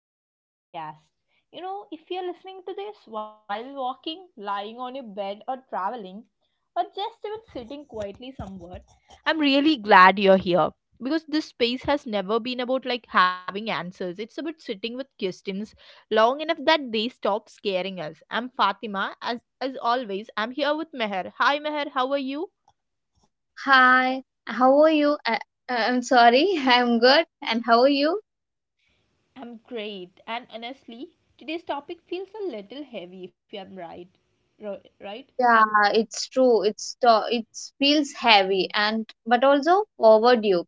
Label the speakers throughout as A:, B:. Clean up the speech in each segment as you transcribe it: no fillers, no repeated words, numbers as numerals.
A: welcome back to the podcast. You know, if you're listening to this while walking, lying on your bed, or traveling, or just even sitting quietly somewhere, I'm really glad you're here because this space has never been about like having answers. It's about sitting with questions long enough that they stop scaring us. I'm Fatima, as always. I'm here with Meher. Hi, Meher. How are you?
B: Hi, how are you? I'm sorry, I'm good. And how are you?
A: I'm great. And honestly, today's topic feels a little heavy if I'm right. Right?
B: Yeah, it's true. It feels heavy and but also overdue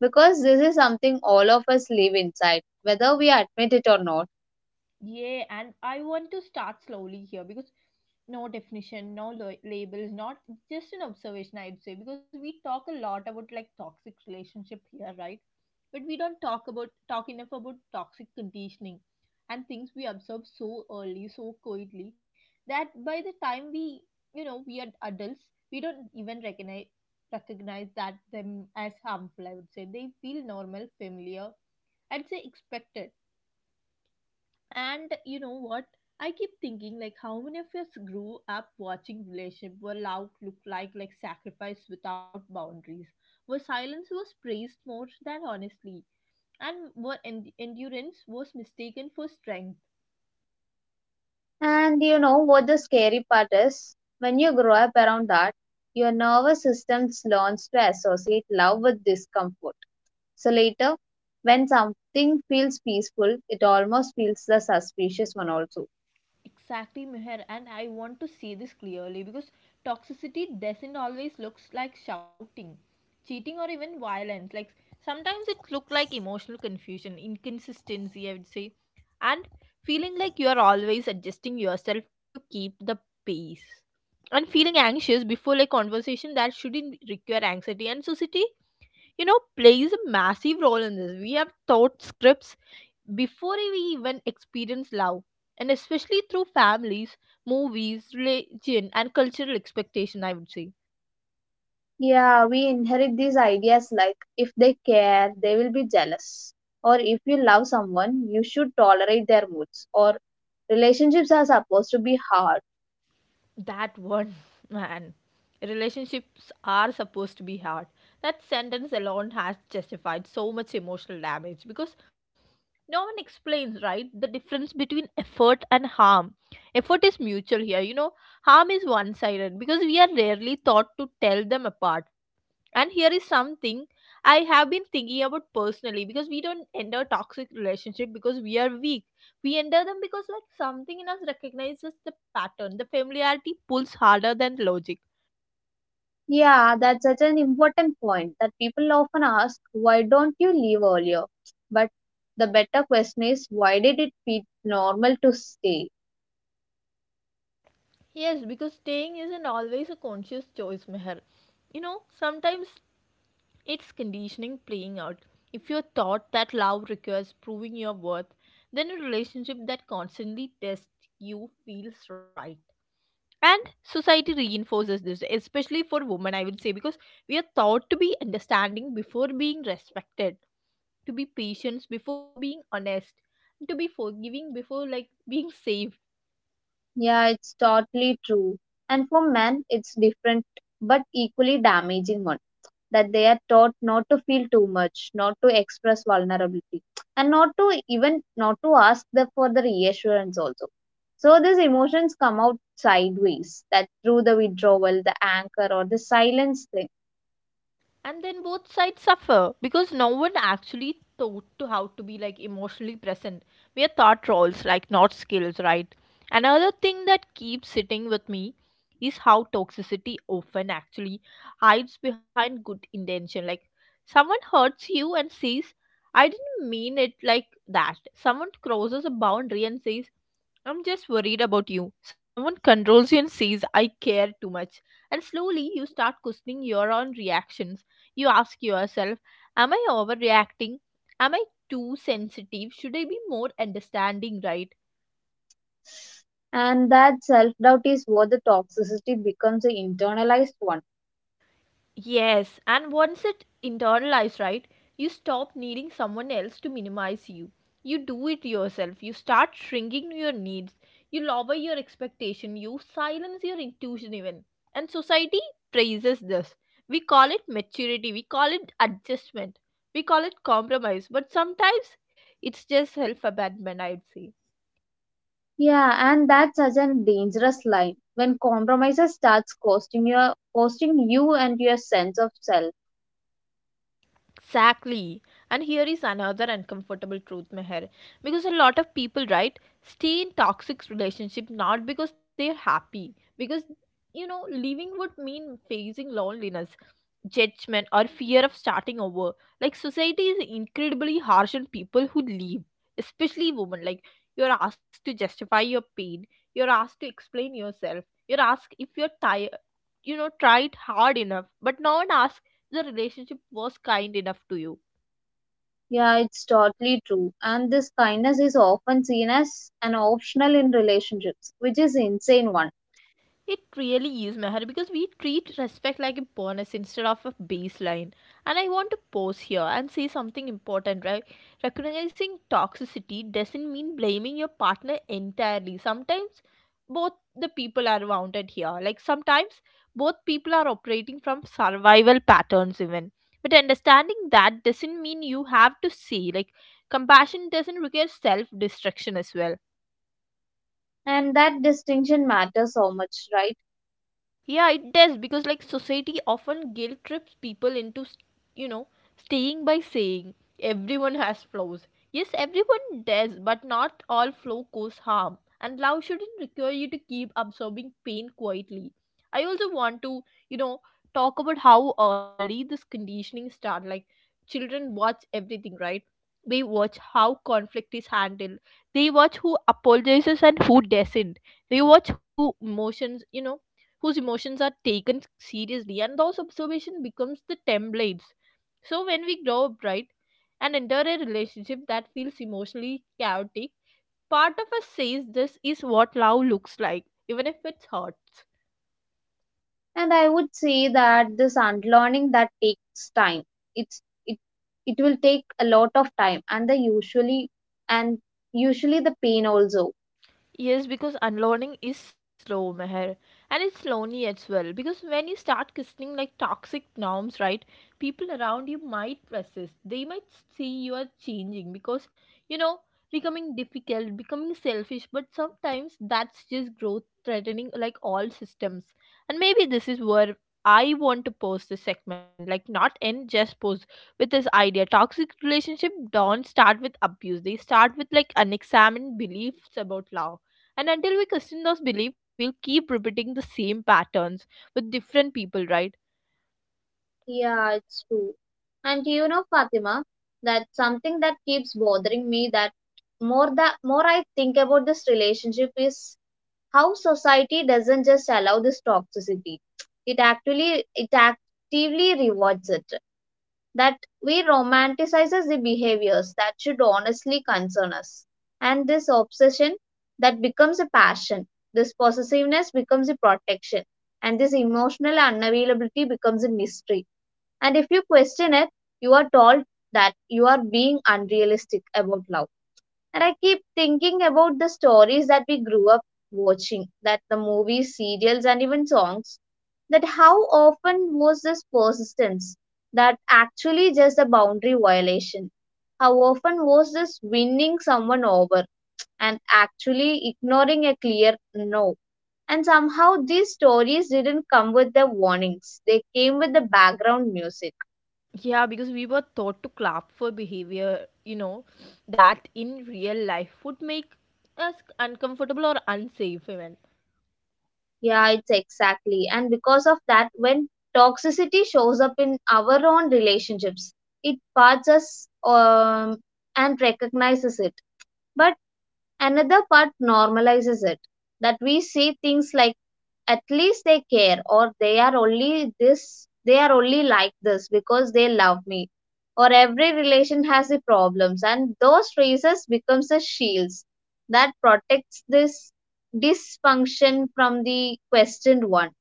B: because this is something all of us live inside, whether we admit it or not.
A: Yeah, and I want to start slowly here because no definition, labels, not just an observation, I'd say, because we talk a lot about like toxic relationship here, right? But we don't talk about talk enough about toxic conditioning and things we absorb so early, so quietly that by the time we, you know, we are adults, we don't even recognize that them as harmful. I would say they feel normal, familiar, I'd say expected, and you know what? I keep thinking like how many of us grew up watching relationship were loud look like sacrifice without boundaries, where silence was praised more than honestly, and where endurance was mistaken for strength.
B: And you know what the scary part is? When you grow up around that, your nervous system learns to associate love with discomfort. So later, when something feels peaceful, it almost feels the suspicious one also.
A: Exactly, Meher, and I want to see this clearly because toxicity doesn't always looks like shouting, cheating, or even violence. Like sometimes it look like emotional confusion, inconsistency, I would say, and feeling like you are always adjusting yourself to keep the pace, and feeling anxious before a conversation that shouldn't require anxiety. And society, you know, plays a massive role in this. We have thought scripts before we even experience love, and especially through families, movies, religion, and cultural expectation, I would say.
B: Yeah, we inherit these ideas like if they care, they will be jealous. Or if you love someone, you should tolerate their moods. Or relationships are supposed to be hard.
A: That one, man. Relationships are supposed to be hard. That sentence alone has justified so much emotional damage because no one explains, right, the difference between effort and harm. Effort is mutual here, you know, harm is one sided because we are rarely taught to tell them apart. And here is something I have been thinking about personally because we don't enter toxic relationship because we are weak, we enter them because like something in us recognizes the pattern. The familiarity pulls harder than logic.
B: Yeah, that's such an important point that people often ask, why don't you leave earlier? But the better question is, why did it feel normal to stay?
A: Yes, because staying isn't always a conscious choice, Meher. You know, sometimes it's conditioning playing out. If you're taught that love requires proving your worth, then a relationship that constantly tests you feels right. And society reinforces this, especially for women, I would say, because we are thought to be understanding before being respected, to be patient before being honest, and to be forgiving before like being safe.
B: Yeah, it's totally true. And for men, it's different but equally damaging one. That they are taught not to feel too much, not to express vulnerability, and not to even not to ask the, for the reassurance also. So these emotions come out sideways, that through the withdrawal, the anger, or the silence thing.
A: And then both sides suffer because no one actually taught to how to be like emotionally present. We are thought roles, like not skills, right? Another thing that keeps sitting with me is how toxicity often actually hides behind good intention. Like someone hurts you and says, I didn't mean it like that. Someone crosses a boundary and says, I'm just worried about you. Someone controls you and says, I care too much. And slowly you start questioning your own reactions. You ask yourself, am I overreacting? Am I too sensitive? Should I be more understanding, right?
B: And that self doubt is what the toxicity becomes an internalized one.
A: Yes, and once it internalized, right, you stop needing someone else to minimize you. You do it yourself. You start shrinking your needs. You lower your expectation. You silence your intuition even. And society praises this. We call it maturity. We call it adjustment. We call it compromise. But sometimes it's just self abandonment, I'd say.
B: Yeah, and that's such a dangerous line when compromises starts costing your costing you and your sense of self.
A: Exactly. And here is another uncomfortable truth, Meher. Because a lot of people, right, stay in toxic relationship not because they're happy, because, you know, leaving would mean facing loneliness, judgment, or fear of starting over. Like society is incredibly harsh on people who leave, especially women. Like you're asked to justify your pain, you're asked to explain yourself, you're asked if you're tired, you know, tried hard enough, but no one asks the relationship was kind enough to you.
B: Yeah, it's totally true. And this kindness is often seen as an optional in relationships, which is insane one.
A: It really is, Meher, because we treat respect like a bonus instead of a baseline. And I want to pause here and say something important, right? Recognizing toxicity doesn't mean blaming your partner entirely. Sometimes both the people are wounded here. Like sometimes both people are operating from survival patterns, even. But understanding that doesn't mean you have to say, like, compassion doesn't require self destruction as well.
B: And that distinction matters so much, right?
A: Yeah, it does because like society often guilt trips people into you know staying by saying everyone has flaws. Yes, everyone does, but not all flaw cause harm, and love shouldn't require you to keep absorbing pain quietly. I also want to, you know, talk about how early this conditioning start. Like children watch everything, right? They watch how conflict is handled. They watch who apologizes and who doesn't. They watch who emotions, you know, whose emotions are taken seriously and those observation becomes the templates. So when we grow up, right, and enter a relationship that feels emotionally chaotic, part of us says this is what love looks like even if it hurts.
B: And I would say that this unlearning that takes time. It's it it will take a lot of time and the usually and usually the pain also.
A: Yes, because unlearning is slow, Meher, and it's lonely as well. Because when you start questioning like toxic norms, right, people around you might resist. They might see you are changing because, you know, becoming difficult, becoming selfish. But sometimes that's just growth threatening, like all systems. And maybe this is where I want to post this segment, like not end, just post with this idea. Toxic relationship don't start with abuse. They start with like unexamined beliefs about love. And until we question those beliefs, we'll keep repeating the same patterns with different people, right?
B: Yeah, it's true. And you know, Fatima, that's something that keeps bothering me that more I think about this relationship is how society doesn't just allow this toxicity, it actively rewards it. That we romanticizes the behaviors that should honestly concern us, and this obsession that becomes a passion, this possessiveness becomes a protection, and this emotional unavailability becomes a mystery. And if you question it, you are told that you are being unrealistic about love. And I keep thinking about the stories that we grew up watching, that the movies, serials, and even songs, that how often was this persistence that actually just a boundary violation? How often was this winning someone over and actually ignoring a clear no? And somehow these stories didn't come with the warnings, they came with the background music.
A: Yeah, because we were taught to clap for behavior, you know, that in real life would make us uncomfortable or unsafe even.
B: Yeah, it's exactly. And because of that, when toxicity shows up in our own relationships, it parts us and recognizes it. But another part normalizes it, that we see things like at least they care, or they are only like this because they love me, or every relation has the problems. And those phrases becomes a shields that protects this dysfunction from the questioned one.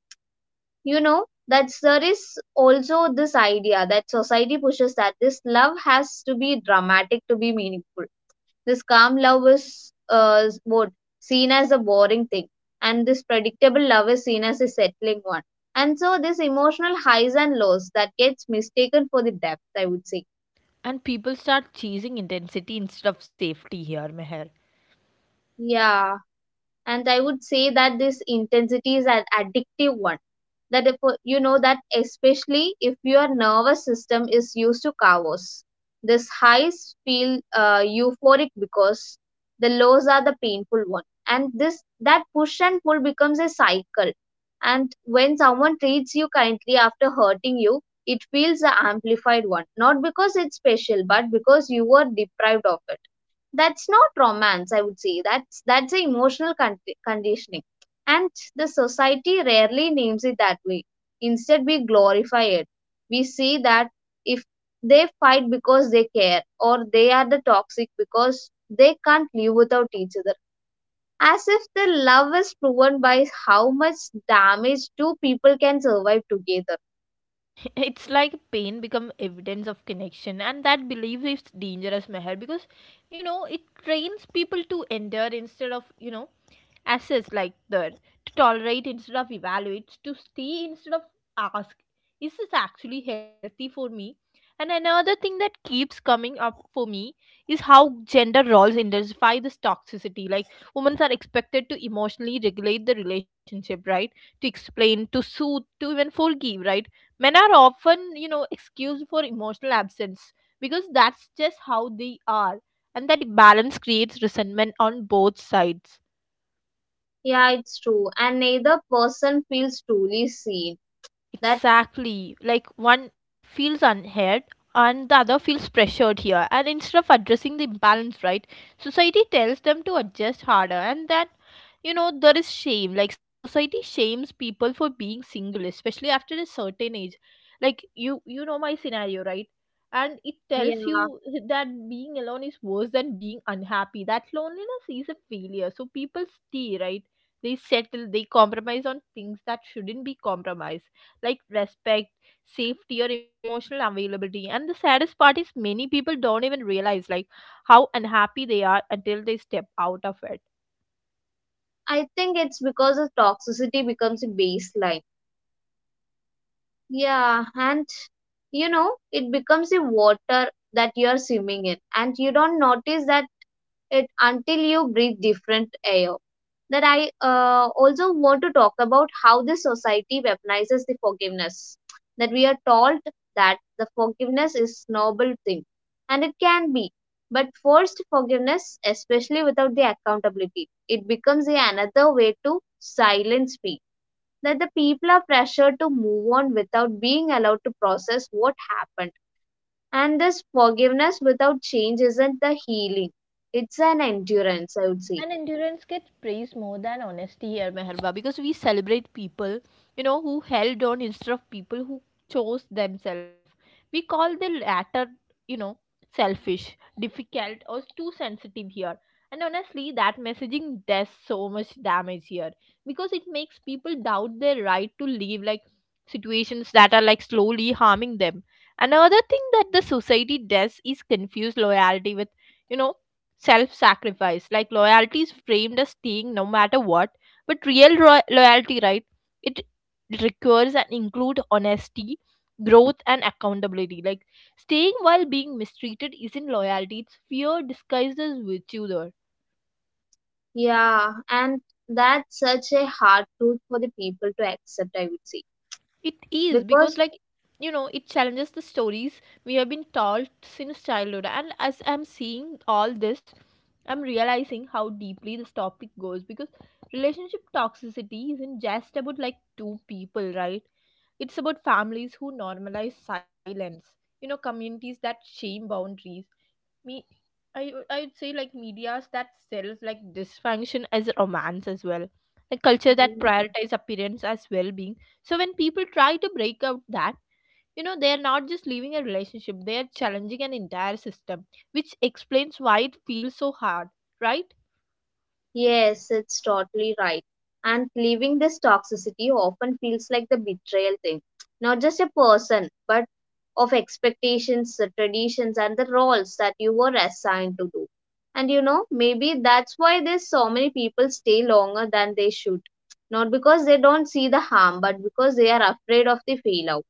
B: You know that there is also this idea that society pushes, that this love has to be dramatic to be meaningful. This calm love is what seen as a boring thing, and this predictable love is seen as a settling one. And so, this emotional highs and lows that gets mistaken for the depth, I would say.
A: And people start chasing intensity instead of safety here, Meher.
B: Yeah. And I would say that this intensity is an addictive one, that if, you know, that especially if your nervous system is used to chaos, this highs feel euphoric because the lows are the painful one, and this that push and pull becomes a cycle. And when someone treats you kindly after hurting you, it feels the amplified one, not because it's special but because you were deprived of it. That's not romance, I would say. That's a emotional conditioning, and the society rarely names it that way. Instead we glorify it. We see that if they fight because they care, or they are the toxic because they can't live without each other, as if the love is proven by how much damage two people can survive together.
A: It's like pain become evidence of connection, and that belief is dangerous, Meher, because you know it trains people to endure instead of, you know, assess like that, to tolerate instead of evaluate, to stay instead of ask. Is this actually healthy for me? And another thing that keeps coming up for me is how gender roles intensify this toxicity. Like women are expected to emotionally regulate the relationship, right? To explain, to soothe, to even forgive, right? Men are often, you know, excused for emotional absence because that's just how they are, and that balance creates resentment on both sides.
B: Yeah, it's true, and neither person feels truly seen. That,
A: Exactly. Like one feels unheard and the other feels pressured here. And instead of addressing the imbalance, right, society tells them to adjust harder. And that, you know, there is shame. Like society shames people for being single, especially after a certain age. Like you know my scenario, right? And it tells
B: yeah.
A: you that being alone is worse than being unhappy. That loneliness is a failure. So people stay, right? They settle, they compromise on things that shouldn't be compromised, like respect, safety, or emotional availability. And the saddest part is many people don't even realize like how unhappy they are until they step out of it.
B: I think it's because of toxicity becomes a baseline. Yeah, and you know, it becomes a water that you're swimming in, and you don't notice that it until you breathe different air. That I also want to talk about how the society weaponizes the forgiveness. That we are told that the forgiveness is noble thing, and it can be, but forced forgiveness, especially without the accountability, it becomes another way to silence people, that the people are pressured to move on without being allowed to process what happened. And this forgiveness without change isn't the healing, it's an endurance, I would
A: And
B: say.
A: endurance gets praised more than honesty here, Meherba, because we celebrate people, you know, who held on instead of people who chose themselves. We call the latter, you know, selfish, difficult, or too sensitive here. And honestly, that messaging does so much damage here because it makes people doubt their right to live like situations that are like slowly harming them. Another thing that the society does is confuse loyalty with, you know, self sacrifice. Like loyalty is framed as staying no matter what, but real loyalty, right? It requires and include honesty, growth, and accountability. Like staying while being mistreated isn't loyalty; it's fear disguised as virtue. There.
B: Yeah, and that's such a hard truth for the people to accept, I would say.
A: It is because,
B: Because,
A: like, you know, it challenges the stories we have been taught since childhood. And as I'm seeing all this, I'm realizing how deeply this topic goes because relationship toxicity isn't just about like two people, right? It's about families who normalize silence, you know, communities that shame boundaries, me, I would say like medias that sells like dysfunction as romance as well. Like culture that
B: yeah.
A: prioritize appearance as well being. So when people try to break out that, you know, they are not just leaving a relationship, they are challenging an entire system, which explains why it feels so hard, right?
B: Yes, it's totally right. And leaving this toxicity often feels like the betrayal thing. Not just a person, but of expectations, the traditions, and the roles that you were assigned to do. And you know, maybe that's why there's so many people stay longer than they should. Not because they don't see the harm, but because they are afraid of the failure.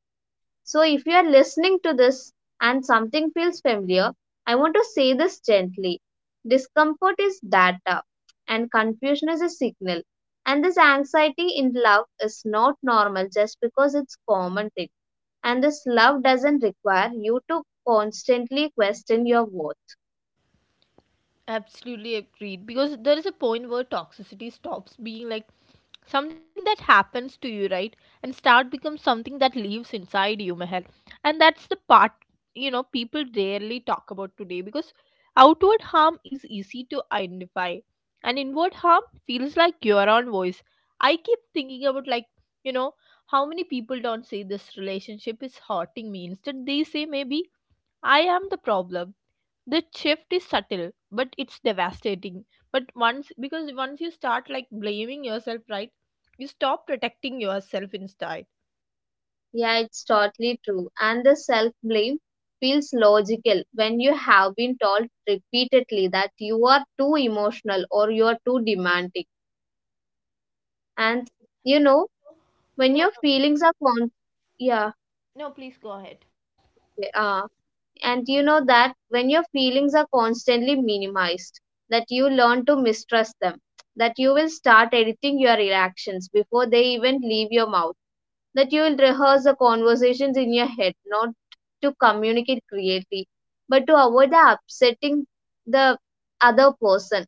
B: So, if you are listening to this and something feels familiar, I want to say this gently. Discomfort is data, and confusion is a signal. And this anxiety in love is not normal just because it's common thing. And this love doesn't require you to constantly question your worth.
A: Absolutely agreed. Because there is a point where toxicity stops being something that happens to you, right, and start becomes something that lives inside you, Meher. And that's the part people rarely talk about today, because outward harm is easy to identify and inward harm feels like your own voice. I keep thinking about you know how many people don't say this relationship is hurting me. Instead they say, maybe I am the problem. The shift is subtle, but it's devastating. But once because once you start blaming yourself, right, you stop protecting yourself instead.
B: Yeah, it's totally true. And the self blame feels logical when you have been told repeatedly that you are too emotional or you are too demanding. And you know,
A: No,
B: when your
A: no,
B: feelings are con— yeah,
A: no, please go ahead.
B: okay, and you know that when your feelings are constantly minimized, that you learn to mistrust them, that you will start editing your reactions before they even leave your mouth, that you will rehearse the conversations in your head, not to communicate creatively but to avoid the upsetting the other person.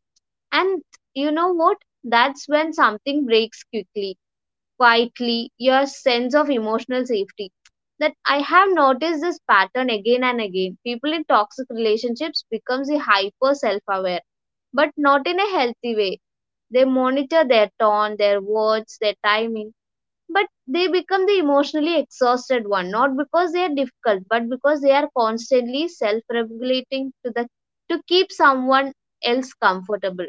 B: And you know what, that's when something breaks quickly quietly, your sense of emotional safety. That I have noticed this pattern again and again, people in toxic relationships becomes the hyper self aware, but not in a healthy way. They monitor their tone, their words, their timing, but they become the emotionally exhausted one, not because they are difficult but because they are constantly self regulating to keep someone else comfortable.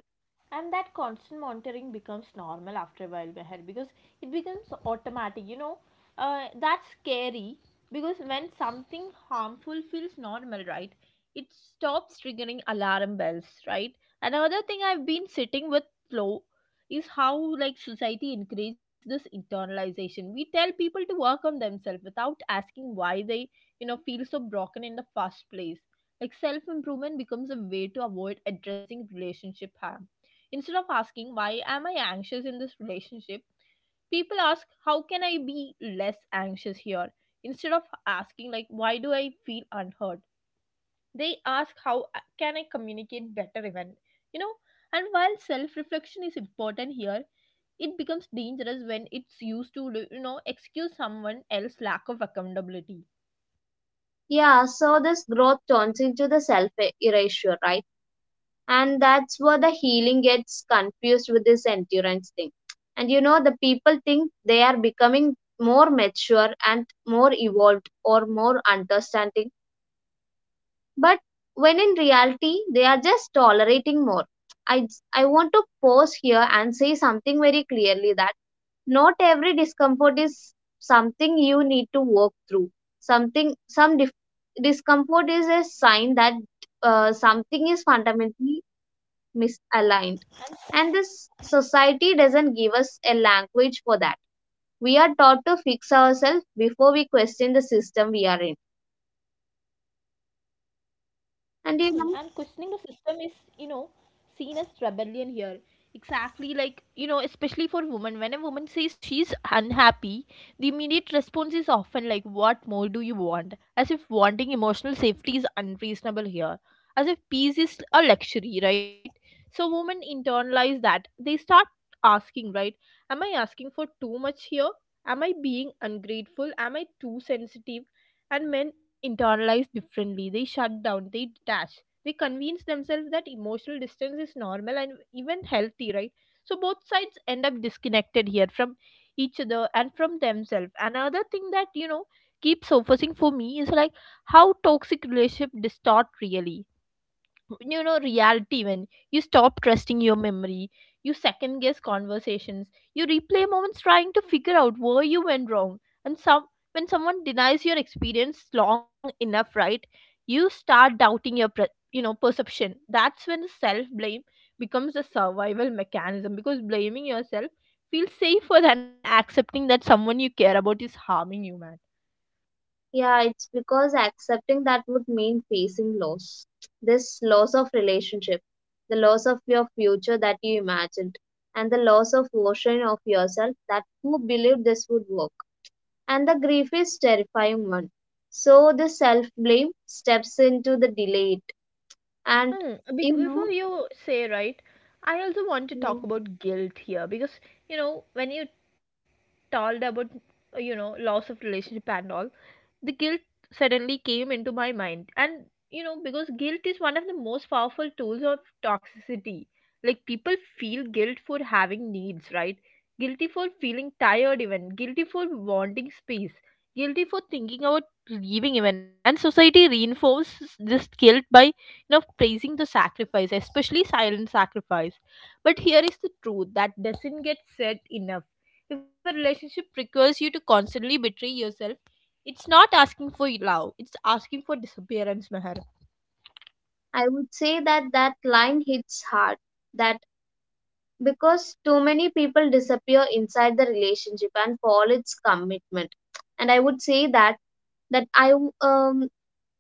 A: And that constant monitoring becomes normal after a while, Meher, because it becomes automatic, that's scary. Because when something harmful feels normal, right, it stops triggering alarm bells, right. And another thing I've been sitting with flow is how society encourages this internalization. We tell people to work on themselves without asking why they feel so broken in the first place. Like, self improvement becomes a way to avoid addressing relationship harm. Instead of asking, why am I anxious in this relationship? People ask, how can I be less anxious here? Instead of asking, like, why do I feel unheard? They ask, how can I communicate better, even? You know, and while self reflection is important here, it becomes dangerous when it's used to, you know, excuse someone else's lack of accountability.
B: Yeah, so this growth turns into the self erasure, right? And that's where the healing gets confused with this endurance thing. And you know, the people think they are becoming more mature and more evolved or more understanding, but when in reality they are just tolerating more. I i want to pause here and say something very clearly, that not every discomfort is something you need to work through. something some dif- Discomfort is a sign that something is fundamentally misaligned. And this society doesn't give us a language for that. We are taught to fix ourselves before we question the system we are in.
A: Hmm,
B: And you
A: and
B: know,
A: questioning the system is, you know, seen as rebellion here. Exactly, like, you know, especially for women. When a woman says she's unhappy, the immediate response is often like, what more do you want? As if wanting emotional safety is unreasonable here. As if peace is a luxury, right? So women internalize that. They start asking, right? Am I asking for too much here? Am I being ungrateful? Am I too sensitive? And men internalize differently. They shut down, they detach, they convince themselves that emotional distance is normal and even healthy, right? So both sides end up disconnected here from each other and from themselves. Another thing that, you know, keeps surfacing for me is how toxic relationship distort really, reality. When you stop trusting your memory, you second guess conversations, you replay moments trying to figure out where you went wrong. And some when someone denies your experience long enough, right, you start doubting your perception. That's when the self blame becomes a survival mechanism, because blaming yourself feels safer than accepting that someone you care about is harming you, man.
B: yeah, it's because accepting that would mean facing loss. This loss of relationship, the loss of your future that you imagined, and the loss of version of yourself that who believed this would work. And the grief is terrifying one. So the self blame steps into the delay it. And
A: Hmm. Because
B: you
A: before
B: know.
A: you say, right, I also want to
B: Yeah.
A: talk about guilt here, because when you told about, you know, loss of relationship and all, the guilt suddenly came into my mind. And you know, because guilt is one of the most powerful tools of toxicity. Like, people feel guilt for having needs, right? Guilty for feeling tired, even guilty for wanting space, guilty for thinking about leaving, even. And society reinforces this guilt by, you know, praising the sacrifice, especially silent sacrifice. But here is the truth that doesn't get said enough: if a relationship requires you to constantly betray yourself, it's not asking for love, it's asking for disappearance, Meher.
B: I would say that that line hits hard. That because too many people disappear inside the relationship and fall its commitment. And I would say that that I w- um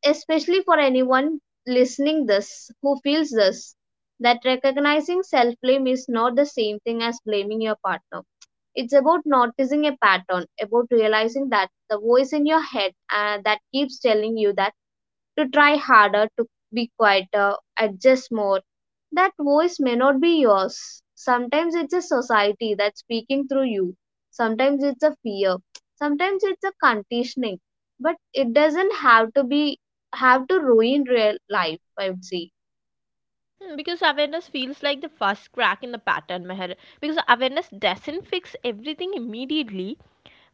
B: especially for anyone listening this who feels this, that recognizing self blame is not the same thing as blaming your partner. It's about noticing a pattern, about realizing that the voice in your head that keeps telling you that to try harder, to be quieter, adjust more. That voice may not be yours. Sometimes it's a society that's speaking through you. Sometimes it's a fear. Sometimes it's a conditioning. But it doesn't have to ruin real life, I would say.
A: Hmm. Because awareness feels like the first crack in the pattern, Meher. Because awareness doesn't fix everything immediately,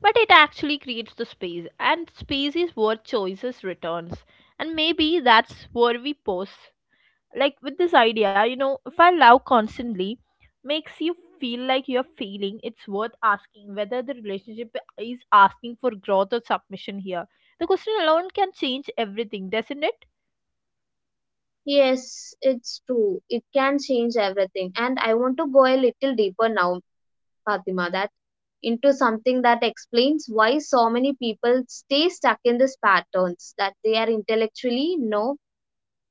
A: but it actually creates the space, and space is where choices returns. And maybe that's where we pause, with this idea, you know, if I love constantly makes you feel like you're failing, it's worth asking whether the relationship is asking for growth or submission here. The question alone can change everything, doesn't it?
B: Yes, it's true. It can change everything. And I want to go a little deeper now Fatima, that into something that explains why so many people stay stuck in these patterns, that they are intellectually no,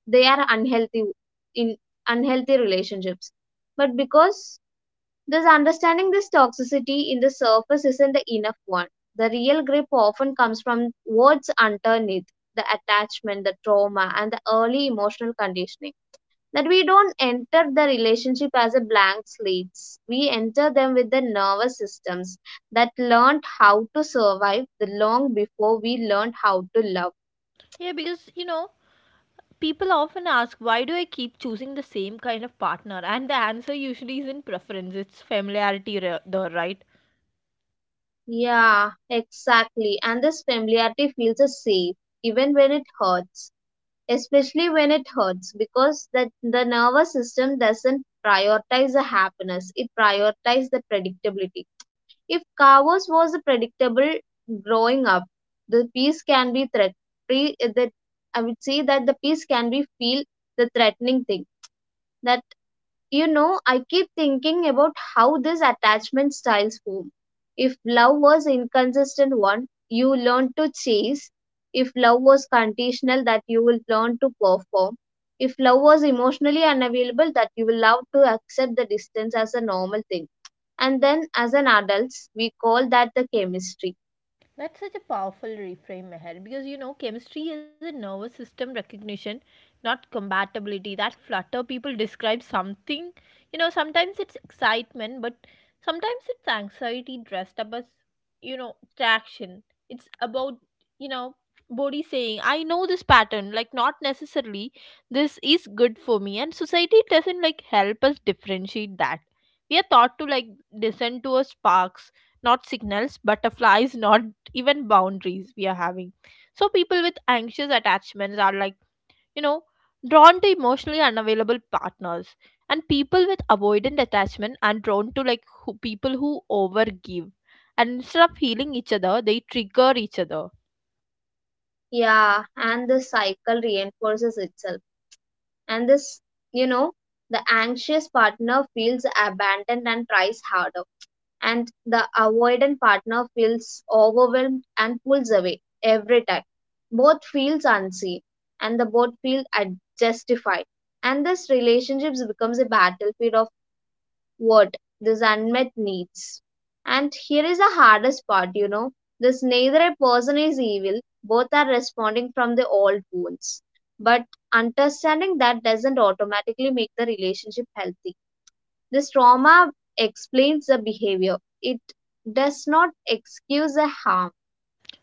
B: they are unhealthy in unhealthy relationships. But because this understanding this toxicity in the surface isn't the enough one. The real grip often comes from what's underneath, the attachment, the trauma, and the early emotional conditioning, that we don't enter the relationship as a blank slate. We enter them with the nervous systems that learned how to survive the long before we learned how to love.
A: Yeah, because you know, people often ask, why do I keep choosing the same kind of partner? And the answer usually isn't preference, it's familiarity, though, right?
B: Yeah, exactly. And this familiarity feels safe, even when it hurts. Especially when it hurts, because that the nervous system doesn't prioritize the happiness. It prioritizes the predictability. If chaos was predictable growing up, the peace can be threat. Pre, that I would say that the peace can be feel the threatening thing that I keep thinking about how these attachment styles form. If love was inconsistent one, you learn to chase. If love was conditional, that you will learn to perform. If love was emotionally unavailable, that you will love to accept the distance as a normal thing. And then as an adults, we call that the chemistry.
A: That's such a powerful reframe, Meher, because you know, chemistry is a nervous system recognition, not compatibility. That flutter people describe something, you know, sometimes it's excitement, but sometimes it's anxiety dressed up as, you know, traction. It's about, you know, body saying, I know this pattern, like, not necessarily this is good for me. And society doesn't help us differentiate that. We are taught to listen to our sparks, not signals, butterflies, not even boundaries we are having. So people with anxious attachments are you know drawn to emotionally unavailable partners, and people with avoidant attachment are drawn to people who overgive. And instead of healing each other, they trigger each other.
B: Yeah, and the cycle reinforces itself. And you know, the anxious partner feels abandoned and tries harder, and the avoidant partner feels overwhelmed and pulls away every time. Both feels unseen, and the both feel justified. And this relationships becomes a battlefield of what these unmet needs. And here is the hardest part. This neither a person is evil, both are responding from the old wounds. But understanding that doesn't automatically make the relationship healthy, this trauma explains the behavior. It does not excuse the harm.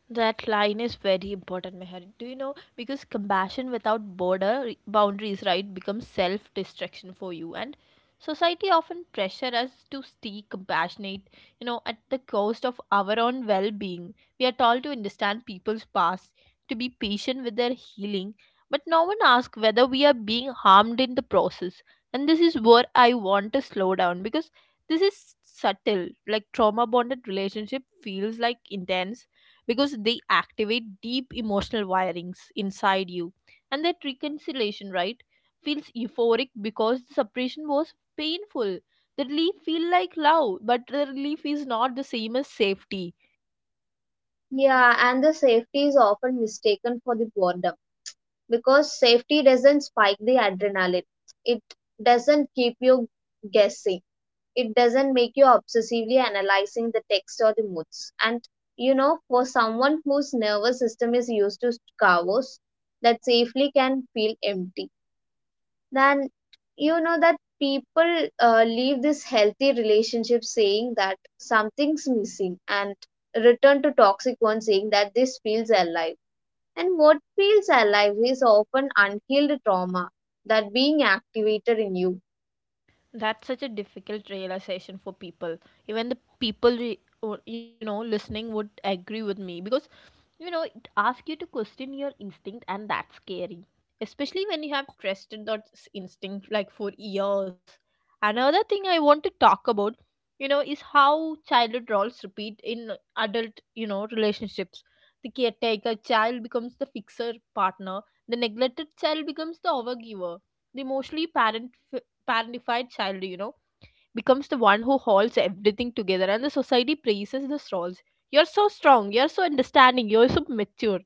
A: That line is very important, Meher. Do you know? Because compassion without border boundaries, right, becomes self destruction for you. And society often pressure us to stay compassionate, you know, at the cost of our own well being. We are told to understand people's past, to be patient with their healing, but no one asks whether we are being harmed in the process. And this is where I want to slow down, because this is subtle. Like, trauma bonded relationship feels like intense, because they activate deep emotional wirings inside you. And that reconciliation, right, feels euphoric because the separation was painful. The relief feel like love, but the relief is not the same as safety.
B: Yeah, and the safety is often mistaken for the boredom because safety doesn't spike the adrenaline. It doesn't keep you guessing. It doesn't make you obsessively analyzing the text or the moods. And for someone whose nervous system is used to chaos, that safely can feel empty. Then that people leave this healthy relationship saying that something's missing and return to toxic one saying that this feels alive, and what feels alive is often unhealed trauma that being activated in you.
A: That's such a difficult realization for people. Even the people, you know, listening would agree with me because, you know, it asks you to question your instinct, and that's scary, especially when you have trusted that instinct like for years. Another thing I want to talk about, you know, is how childhood roles repeat in adult, you know, relationships. The caretaker child becomes the fixer partner. The neglected child becomes the overgiver, the emotionally parent, parentified child, you know, becomes the one who holds everything together, and the society praises the roles. You're so strong, you're so understanding, you're so mature.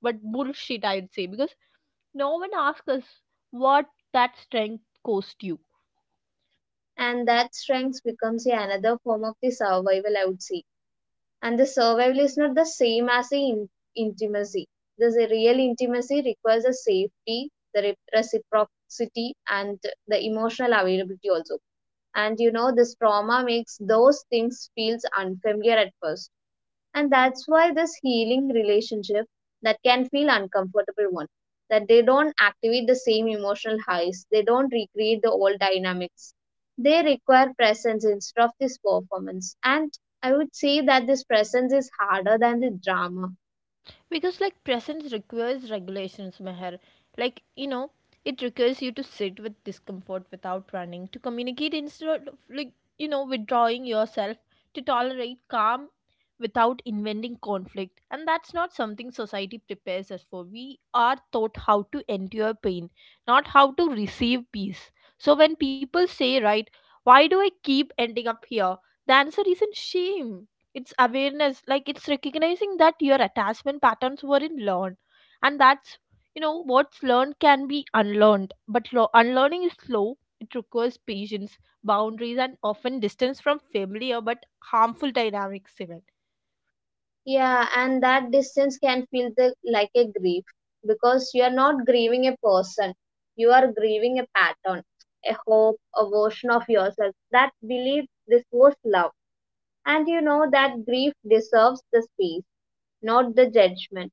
A: But bullshit, I'd say, because no one asks us what that strength cost you.
B: And that strength becomes another form of the survival, I would say. And the survival is not the same as the intimacy. This real intimacy requires a safety, the reciprocity, and the emotional availability also. And this trauma makes those things feels unfamiliar at first, and that's why this healing relationship that can feel uncomfortable one, that they don't activate the same emotional highs, they don't recreate the old dynamics, they require presence instead of this performance. And I would say that this presence is harder than the drama.
A: Because presence requires regulations, Meher. Like, you know, it requires you to sit with discomfort without running, to communicate instead of withdrawing yourself, to tolerate calm without inventing conflict. And that's not something society prepares us for. We are taught how to endure pain, not how to receive peace. So when people say, right, why do I keep ending up here, the answer isn't shame, it's awareness. Like, it's recognizing that your attachment patterns weren't learned. And that's, you know, what's learned can be unlearned. But unlearning is slow. It requires patience, boundaries, and often distance from familiar but harmful dynamics, even.
B: Yeah, and that distance can feel the, like a grief, because you are not grieving a person, you are grieving a pattern, a hope, a version of yourself that believed this was love. And you know that grief deserves the space, not the judgment.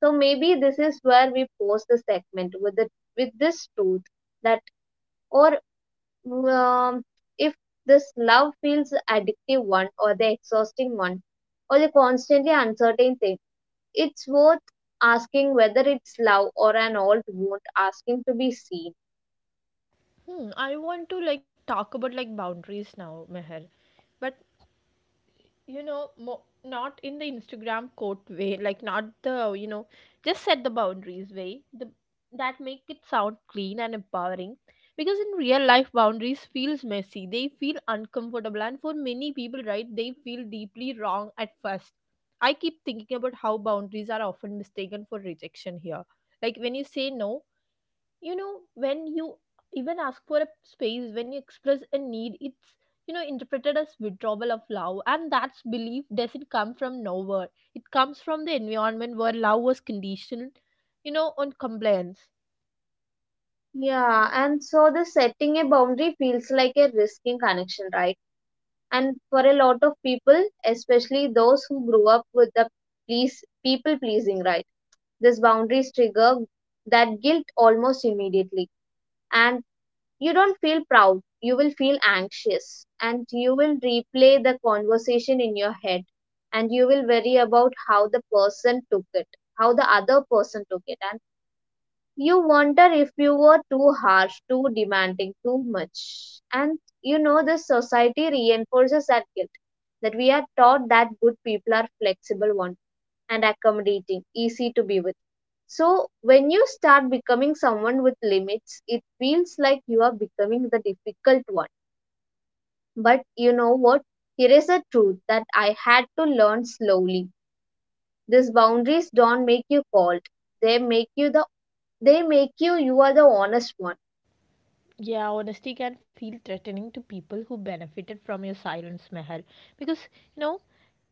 B: So maybe this is where we pause the segment with the with this truth that, or um, if this love feels addictive one or the exhausting one or the constantly uncertain thing, it's worth asking whether it's love or an old wound asking to be seen.
A: Hmm, I want to talk about boundaries now, Meher. But you know, not in the Instagram quote way. Like, not the, you know, just set the boundaries way, the that make it sound clean and empowering. Because in real life, boundaries feels messy, they feel uncomfortable, and for many people, right, they feel deeply wrong at first. I keep thinking about how boundaries are often mistaken for rejection here. Like, when you say no, you know, when you even ask for a space, when you express a need, it's, you know, interpreted as withdrawal of love. And that's belief doesn't come from nowhere, it comes from the environment where love was conditioned, you know, on compliance.
B: Yeah, and so the setting a boundary feels like a risking connection, right? And for a lot of people, especially those who grew up with the please people pleasing, right, this boundaries trigger that guilt almost immediately. And you don't feel proud, you will feel anxious, and you will replay the conversation in your head, and you will worry about how the person took it, how the other person took it, and you wonder if you were too harsh, too demanding, too much. And you know, the society reinforces that guilt, that we are taught that good people are flexible ones and accommodating, easy to be with. So when you start becoming someone with limits, it feels like you are becoming the difficult one. But you know what? Here is a truth that I had to learn slowly. These boundaries don't make you cold. They make you the, they make you you are the honest one.
A: Yeah, honesty can feel threatening to people who benefited from your silence, Meher. Because, you know,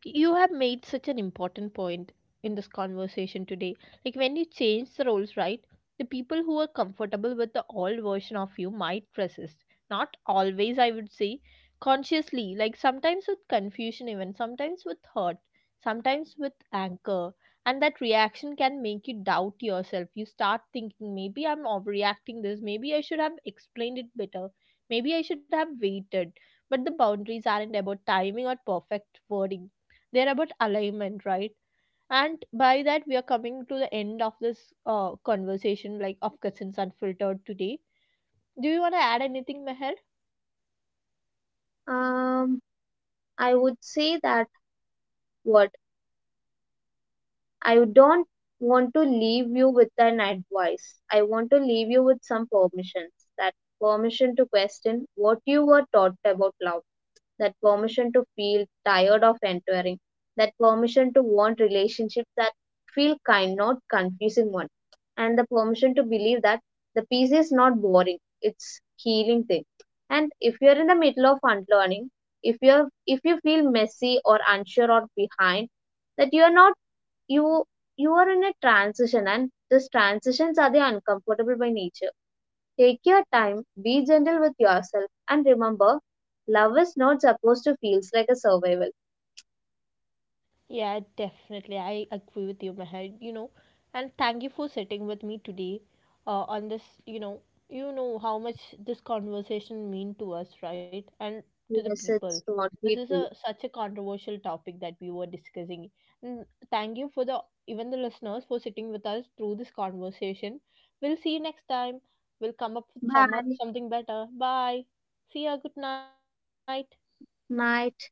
A: you have made such an important point in this conversation today. Like, when you change the roles, right, the people who are comfortable with the old version of you might resist. Not always, I would say, consciously, like sometimes with confusion, even sometimes with hurt, sometimes with anger. And that reaction can make you doubt yourself. You start thinking, maybe I'm overreacting this, maybe I should have explained it better, maybe I should have waited. But the boundaries aren't about timing or perfect wording, they're about alignment, right? And by that, we are coming to the end of this, conversation like of Cousins Unfiltered today. Do you want to add anything, Meher?
B: Um, I would say that what I don't want to leave you with an advice. I want to leave you with some permissions. That permission to question what you were taught about love, that permission to feel tired of entering, that permission to want relationships that feel kind, not confusing one, and the permission to believe that the piece is not boring, it's healing thing. And if you're in the middle of unlearning, if you're if you feel messy or unsure or behind, that you are not you you are in a transition, and these transitions are the uncomfortable by nature. Take your time, be gentle with yourself, and remember, love is not supposed to feel like a survival.
A: Yeah, definitely. I agree with you, Meher. You know, and thank you for sitting with me today, on this. You know how much this conversation mean to us, right? And to the
B: Yes,
A: people.
B: it's
A: This is
B: totally
A: a
B: true.
A: such a controversial topic that we were discussing. And thank you for the, even the listeners, for sitting with us through this conversation. We'll see you next time. We'll come up with some
B: Bye.
A: something better. Bye. See ya. Good night.
B: Night.